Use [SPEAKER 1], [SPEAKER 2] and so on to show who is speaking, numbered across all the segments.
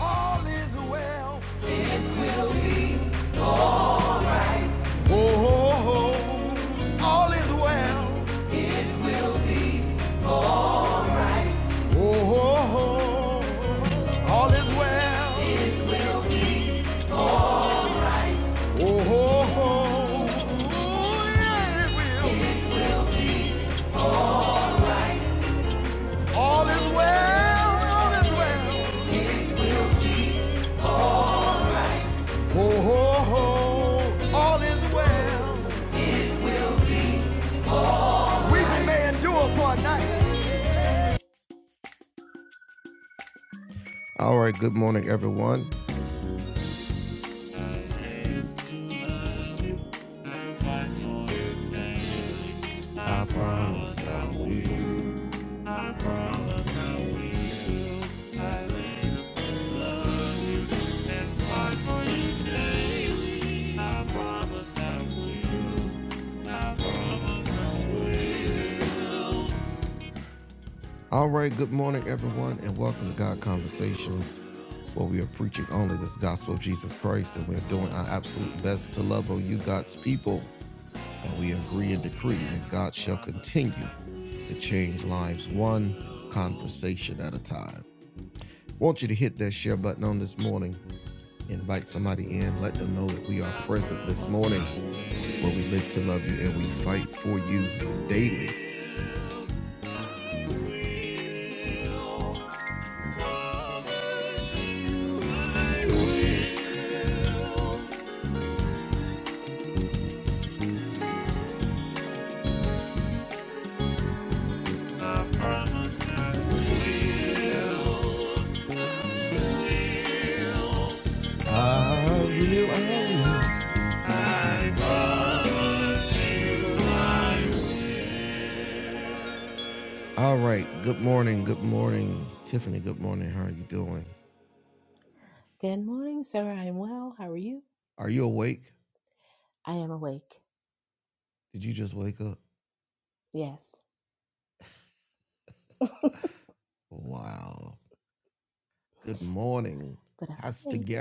[SPEAKER 1] All is well. Oh, oh, oh. all is well. Oh, oh, oh. all is well. Oh, oh, oh. Oh yeah, it will. All is well. All is well. Oh, oh, oh. all is well. Weeping may endure for a night. Should hit. I will, I
[SPEAKER 2] Good morning, sir. I am well. How are you? I am awake. Yes, but I'm awake.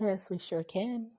[SPEAKER 2] Yes, we sure can.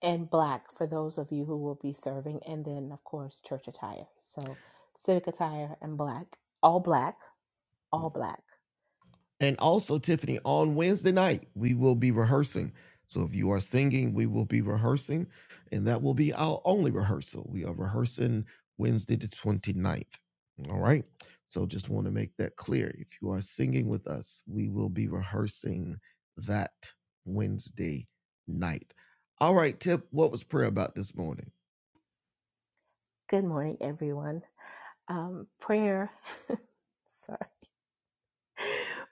[SPEAKER 2] And black for those of you who will be serving, and then, of course, church attire. So, civic attire and black, all black, all black. Good morning, everyone. Um, prayer, sorry,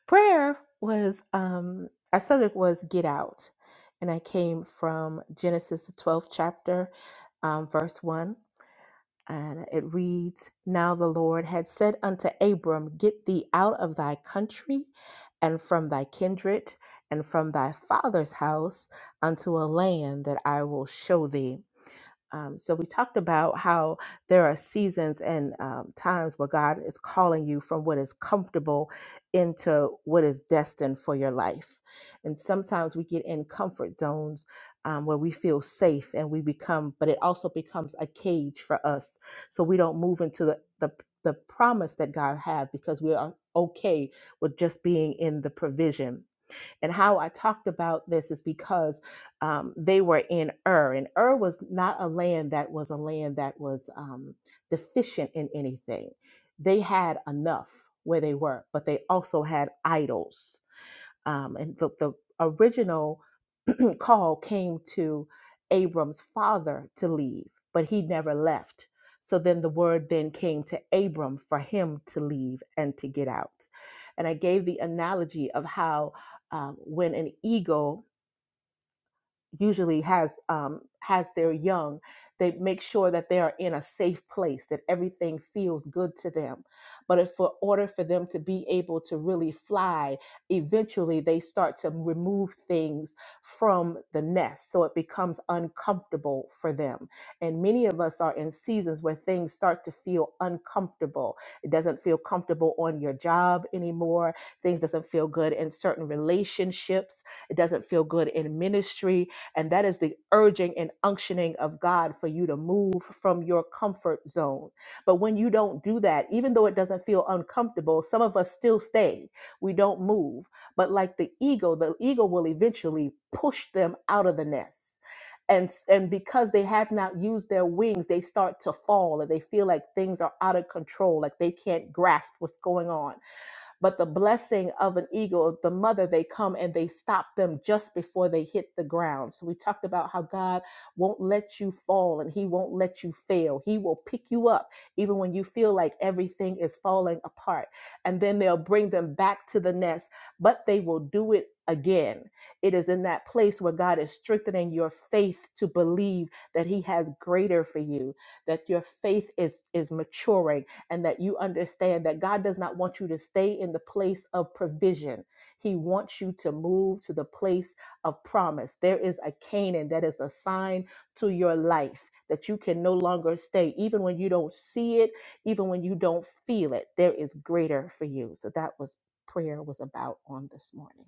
[SPEAKER 2] prayer was, um, our subject was get out. And I came from Genesis, the 12th chapter, um, verse 1. And it reads Now the Lord had said unto Abram, Get thee out of thy country and from thy kindred and from thy father's house unto a land that I will show thee. Um, so we talked about how there are seasons and um, times where God is calling you from what is comfortable into what is destined for your life. And sometimes we get in comfort zones um, where we feel safe and we become, but it also becomes a cage for us. So we don't move into the, the, the promise that God has because we are okay with just being in the provision. And how I talked about this is because um, they were in Ur, and Ur was not a land that was a land that was um, deficient in anything. They had enough where they were, but they also had idols. Um, and the, the original call came to Abram's father to leave, but he never left. So then the word then came to Abram for him to leave and to get out. And I gave the analogy of how um, when an eagle usually has um, has their young. They make sure that they are in a safe place, that everything feels good to them. But if for order for them to be able to really fly, eventually they start to remove things from the nest, so it becomes uncomfortable for them. And many of us are in seasons where things start to feel uncomfortable. It doesn't feel comfortable on your job anymore. Things doesn't feel good in certain relationships. It doesn't feel good in ministry and that is the urging and unctioning of God for you to move from your comfort zone. But when you don't do that, even though it doesn't feel uncomfortable, some of us still stay. We don't move. But like the ego, the ego will eventually push them out of the nest and and because they have not used their wings they start to fall and they feel like things are out of control like they can't grasp what's going on but the blessing of an eagle, the mother, they come and they stop them just before they hit the ground. So we talked about how God won't let you fall and He won't let you fail. He will pick you up even when you feel like everything is falling apart. And then they'll bring them back to the nest, but they will do it again. It is in that place where God is strengthening your faith to believe that He has greater for you, that your faith is, is maturing and that you understand that God does not want you to stay in the place of provision. He wants you to move to the place of promise. There is a Canaan that is assigned to your life that you can no longer stay, even when you don't see it, even when you don't feel it. There is greater for you. So that was prayer was about on this morning.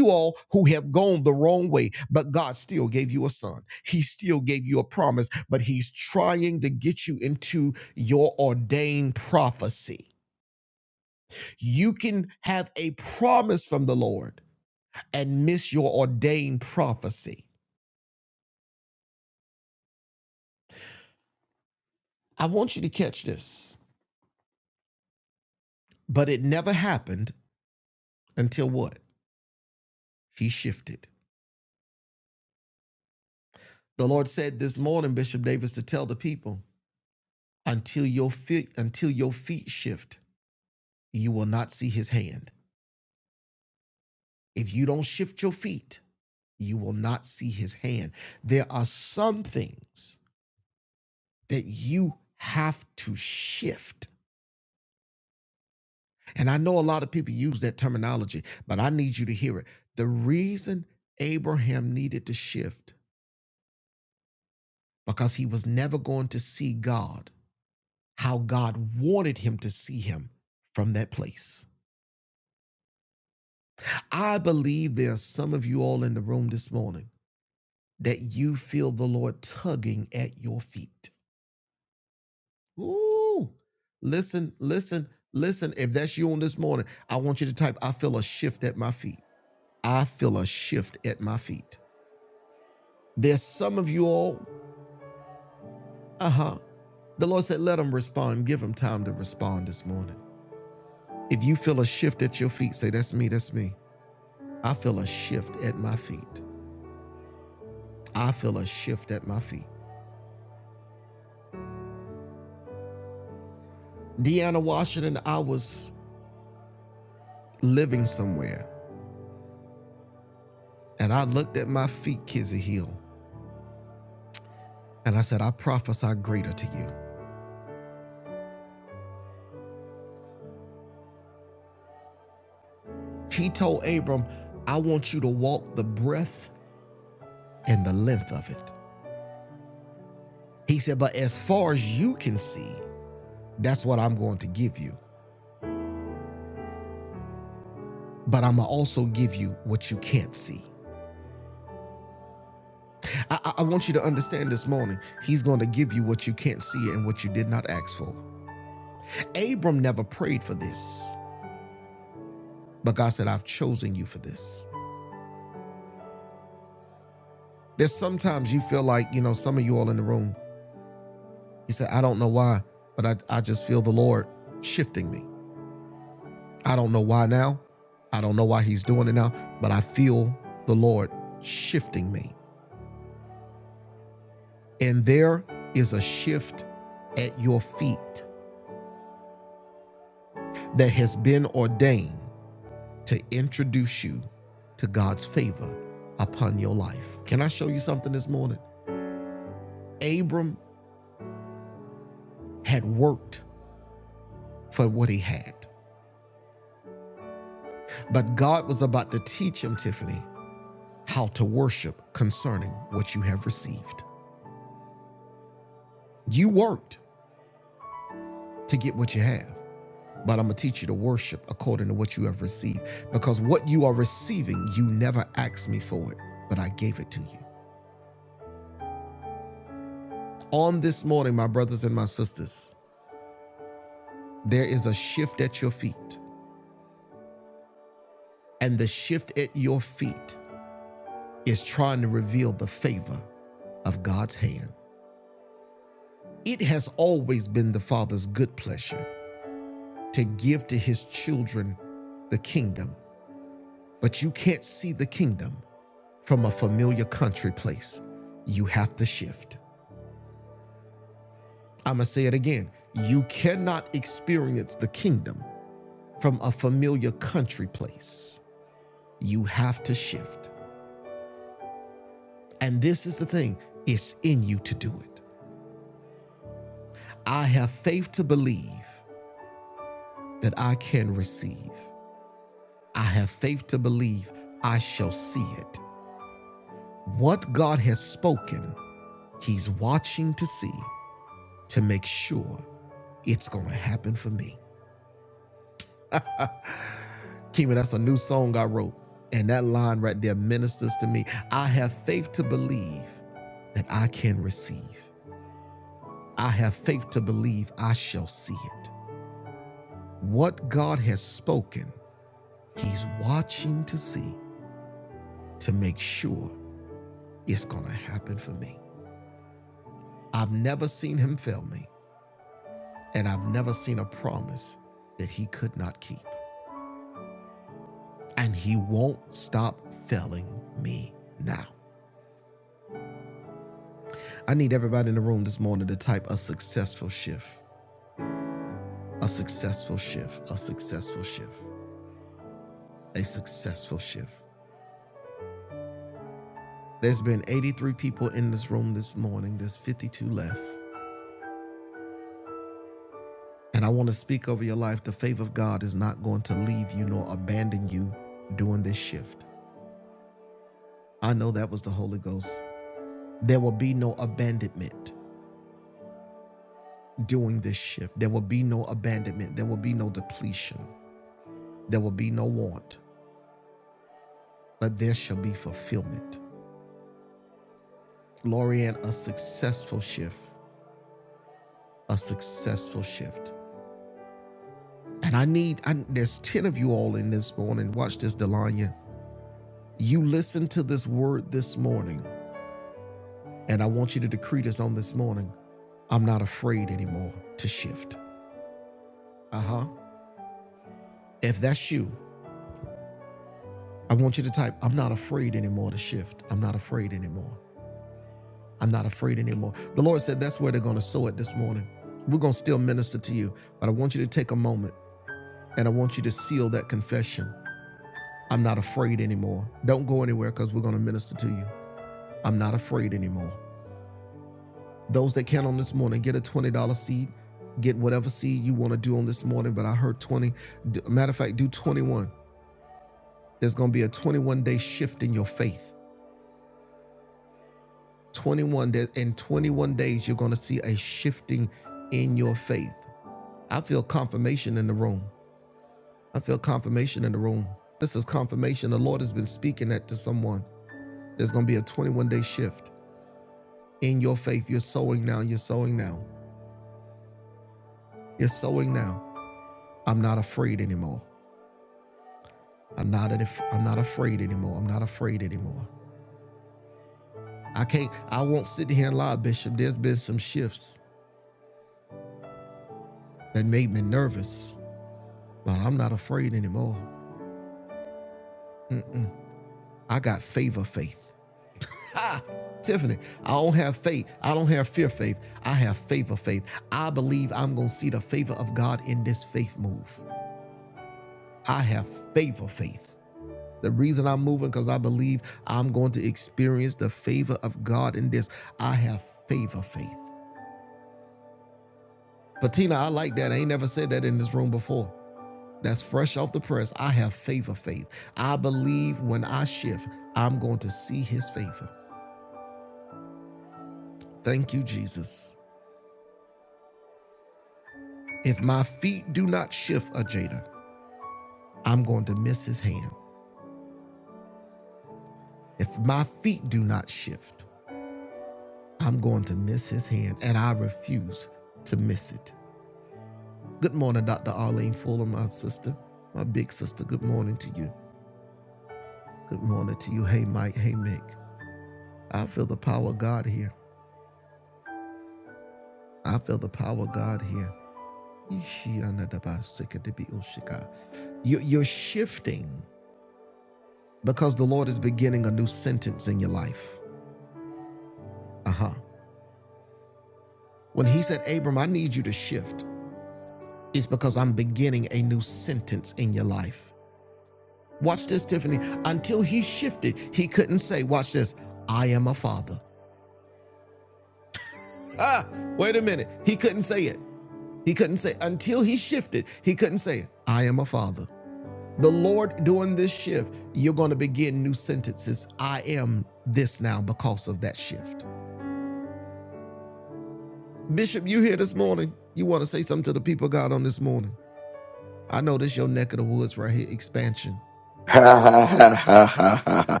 [SPEAKER 3] Ha ha ha ha ha ha! ha.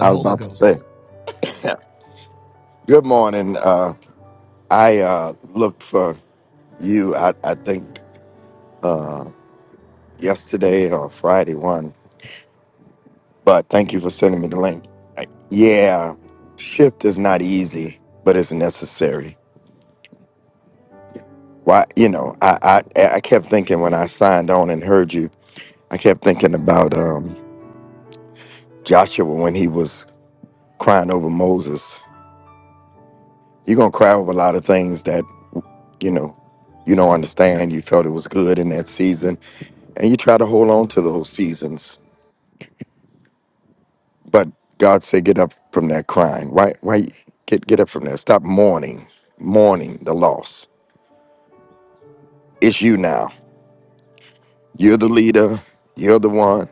[SPEAKER 3] I was about to say. Good morning. Uh, I uh, looked for you, I, I think, yesterday or Friday one, but thank you for sending me the link. I- Yeah, shift is not easy, but it's necessary. Why, you know, I, I, I kept thinking when I signed on and heard you, I kept thinking about um, Joshua when he was crying over Moses. You're going to cry over a lot of things you know, you don't understand. You felt it was good in that season, and you try to hold on to those seasons. But God said, "Get up from that crying. Why? Why get get up from there? Stop mourning, mourning the loss. It's you now. You're the leader. You're the one.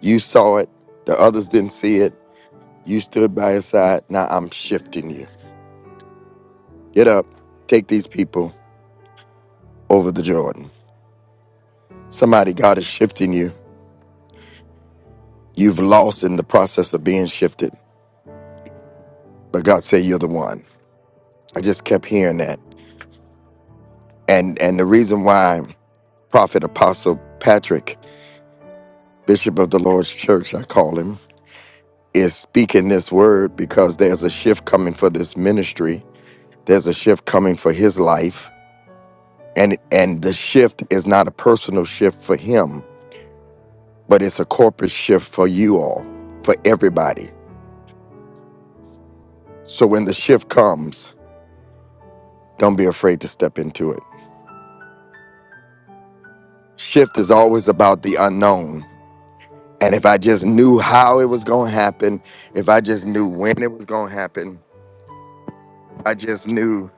[SPEAKER 3] You saw it. The others didn't see it. You stood by his side. Now I'm shifting you. Get up. Take these people over the Jordan. Somebody God is shifting you. You've lost in the process of being shifted, but God said you're the one." I just kept hearing that. And and the reason why Prophet Apostle Patrick, Bishop of the Lord's Church, I call him, is speaking this word because there's a shift coming for this ministry. There's a shift coming for his life. And and the shift is not a personal shift for him, but it's a corporate shift for you all, for everybody. So when the shift comes, don't be afraid to step into it. Shift is always about the unknown And if I just knew how it was going to happen, if I just knew when it was going to happen, if I just knew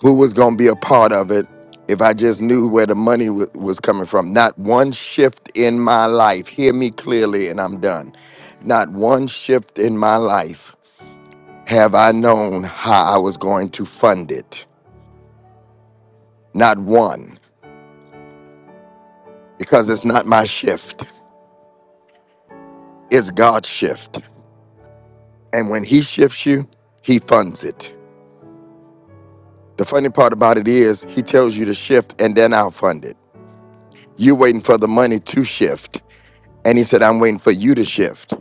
[SPEAKER 3] who was going to be a part of it, if I just knew where the money wa- was coming from, not one shift in my life, hear me clearly and I'm done. Not one shift in my life have I known how I was going to fund it. Not one, because it's not my shift, it's God's shift. And when He shifts you, He funds it. The funny part about it is he tells you to shift and then I'll fund it. You're waiting for the money to shift. And he said, I'm waiting for you to shift.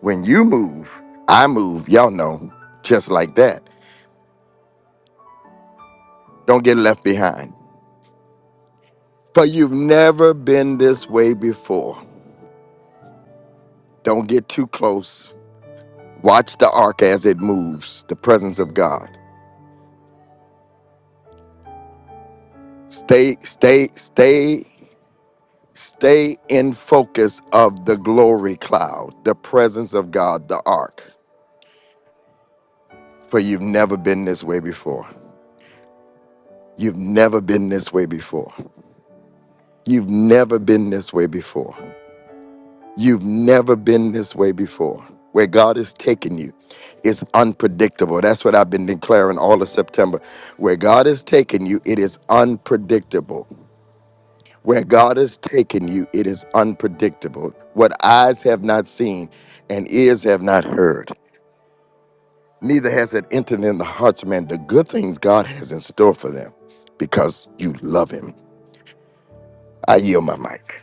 [SPEAKER 3] When you move, I move. Y'all know, just like that. Don't get left behind. For you've never been this way before. Don't get too close. Watch the ark as it moves, the presence of God. Stay, stay, stay, stay in focus of the glory cloud, the presence of God, the ark. for you've never been this way before. You've never been this way before. You've never been this way before. You've never been this way before. Where God is taking you is unpredictable. That's what I've been declaring all of September. Where God is taking you, it is unpredictable. Where God is taking you, it is unpredictable. What eyes have not seen and ears have not heard. neither has it entered in the hearts of man the good things God has in store for them because you love him. I yield my mic.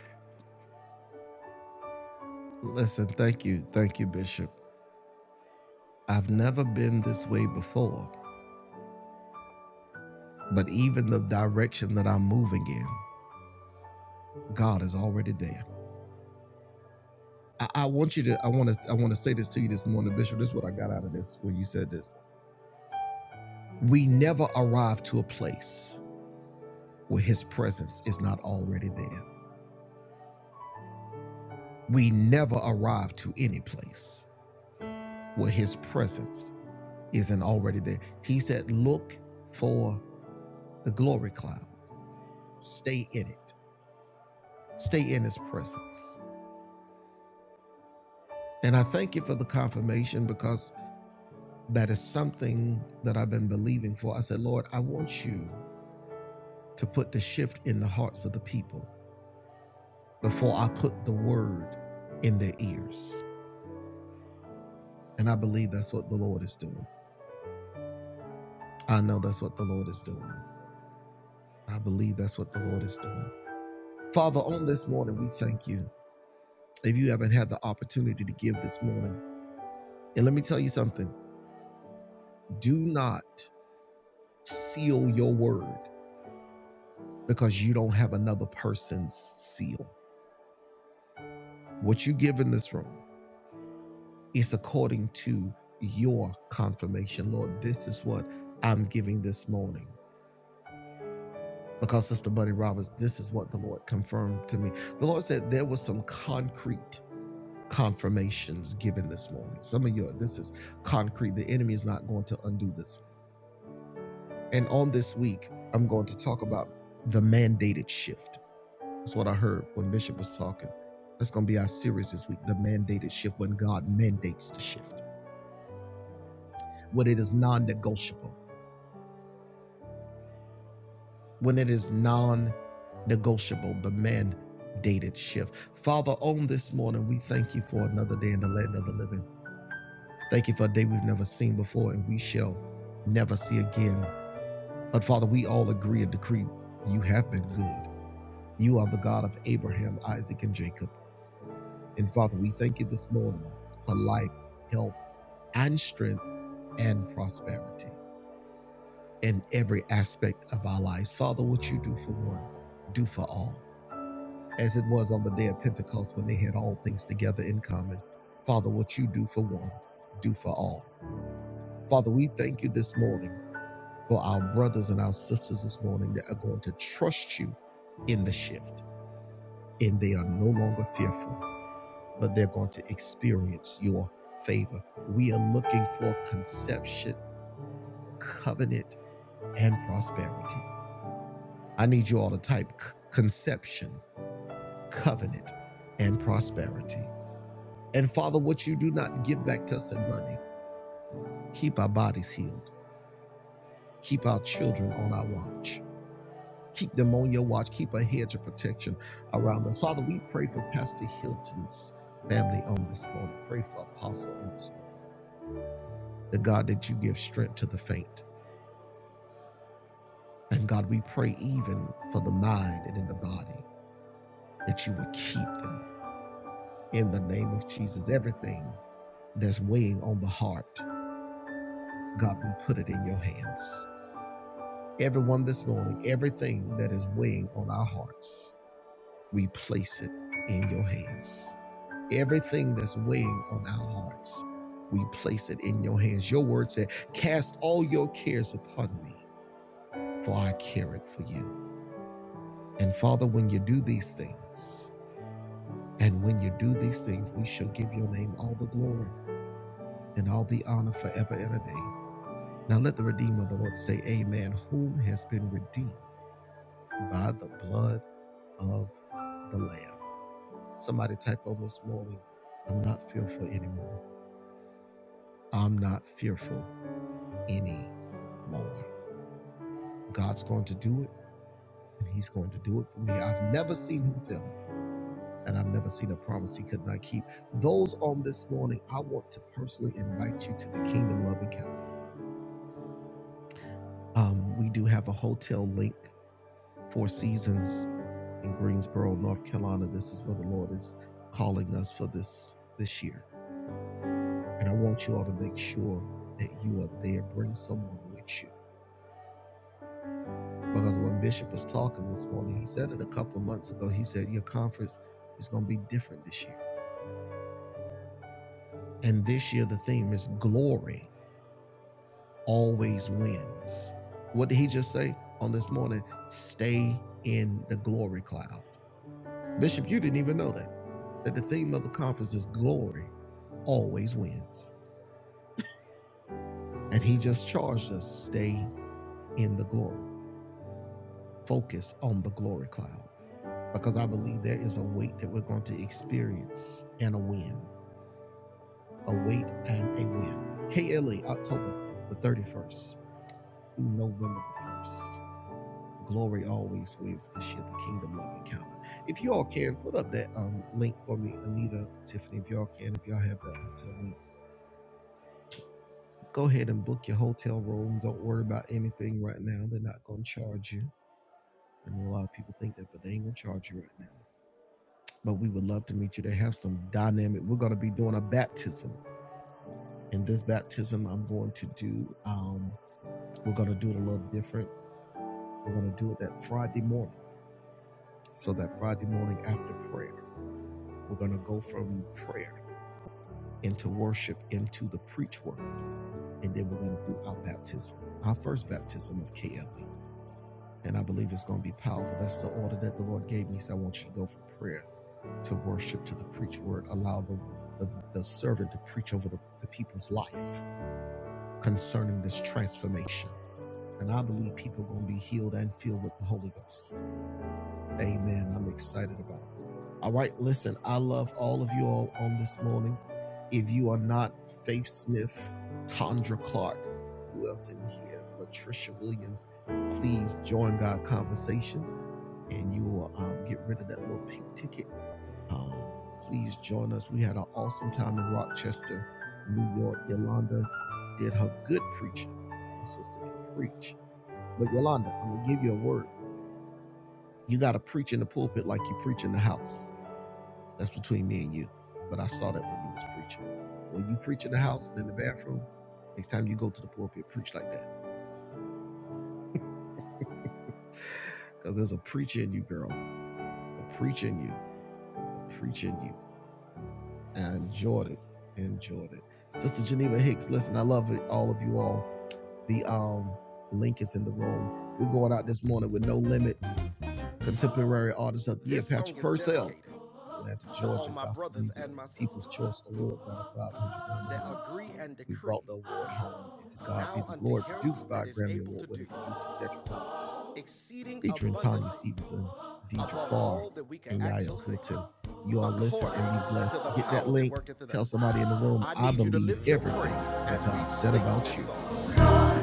[SPEAKER 1] and my unto above ask or to praise we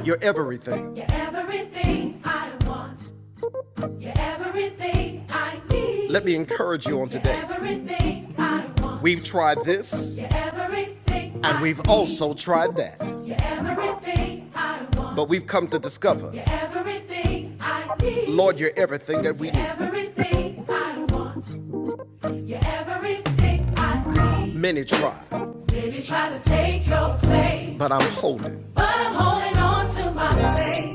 [SPEAKER 1] you're everything You're everything I want. You're everything I need. Let me encourage you on today. everything I want. We've tried this, everything and we've need. also need. tried that. everything I want. But we've come to discover, You're everything I need. Lord, you're everything that we You're need. everything I want. You're everything I need. Many tried, Baby, try to take your place. but I'm holding But I'm holding on to my faith.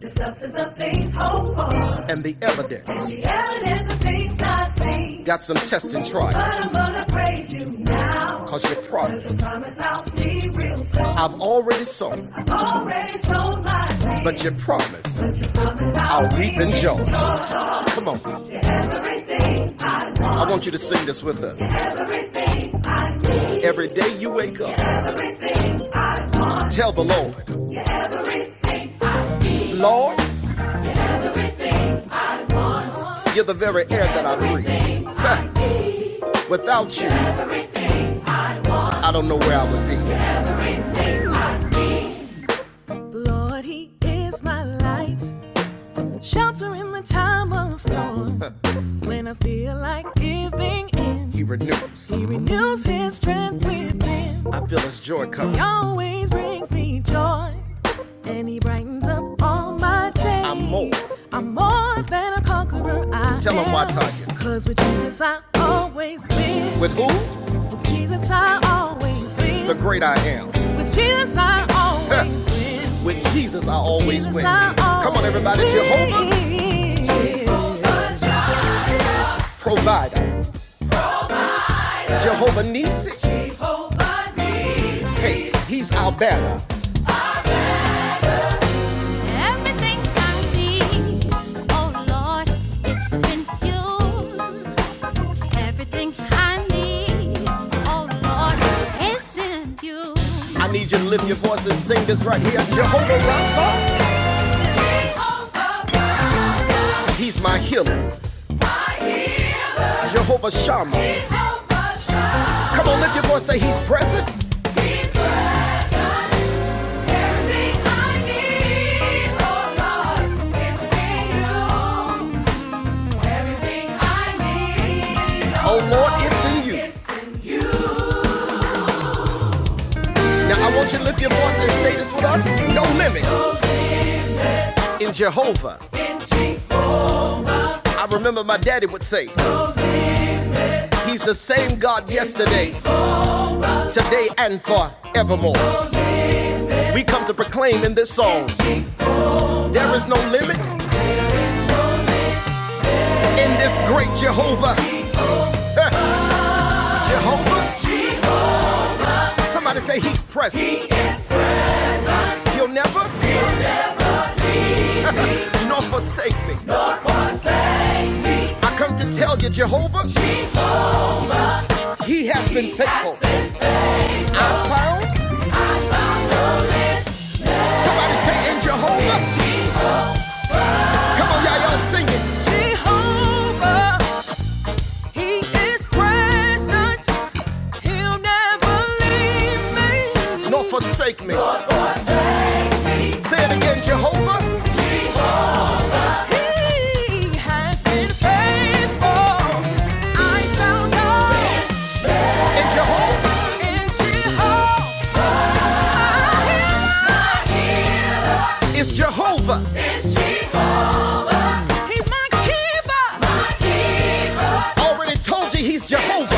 [SPEAKER 1] The substance of things hoped for, and the evidence. and the evidence of things not seen. Got some test and try, But I'm gonna praise you now. cause you promised. promise I'll see real soon. I've already sown, I've already sold my land. but you promised. But you promise I'll, I'll reap in joy. Come on, I want you to sing this with us. Every day you wake up, tell the Lord, Lord, you're the very air that I breathe. Without you, I don't know where I would be. Lord, He is my light, shelter in the time of storm. when I feel like giving in, He renews. He renews His strength within. I feel His joy coming. He always brings me joy and he brightens up all my day. I'm more. I'm more than a conqueror. I Tell 'em am. Him why, Tanya. Cause with Jesus I always win. With who? With Jesus I always win. The great I am. With Jesus I always win. With Jesus, I always Jesus win. I always Come on, everybody. win. Jehovah Jehovah. provider. Jehovah Nisi. Hey, he's our banner. Everything I need, oh Lord, is in you. Everything I need, oh Lord, is in you. I need you to lift your voice and sing this right here. Jehovah Rapha, he's my healer. Jehovah Shammah. Jehovah Shammah. Come on, lift your voice, say he's present. He's present. Everything I need, Oh Lord, it's in you. Everything I need, oh Lord, it's in you. Now I want you to lift your voice and say this with us. No limit in Jehovah. I remember my daddy would say, He's the same God yesterday, today, and forevermore. We come to proclaim in this song, There is no limit in this great Jehovah. Jehovah? Somebody say, He's present. He'll never nor forsake me. I come to tell you, Jehovah, He has been faithful. Somebody say, In Jehovah. Come on, y'all, y'all sing it. Jehovah, He is present. He'll never leave me. nor forsake me. Nor forsake me. Say it again, Jehovah. He has been faithful. I found out And Jehovah in Jehovah. It's Jehovah. He's my keeper. My keeper. Already told you he's Jehovah.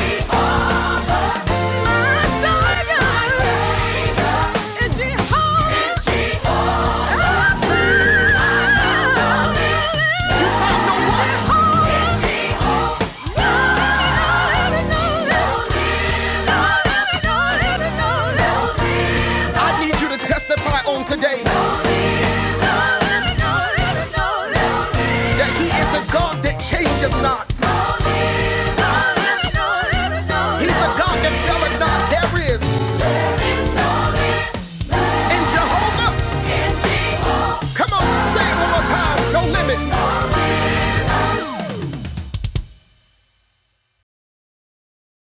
[SPEAKER 1] I need you to testify on today that He is the God that changeth not. He's the God that felleth not. There is in Jehovah. Come on, say it one more time. No limit.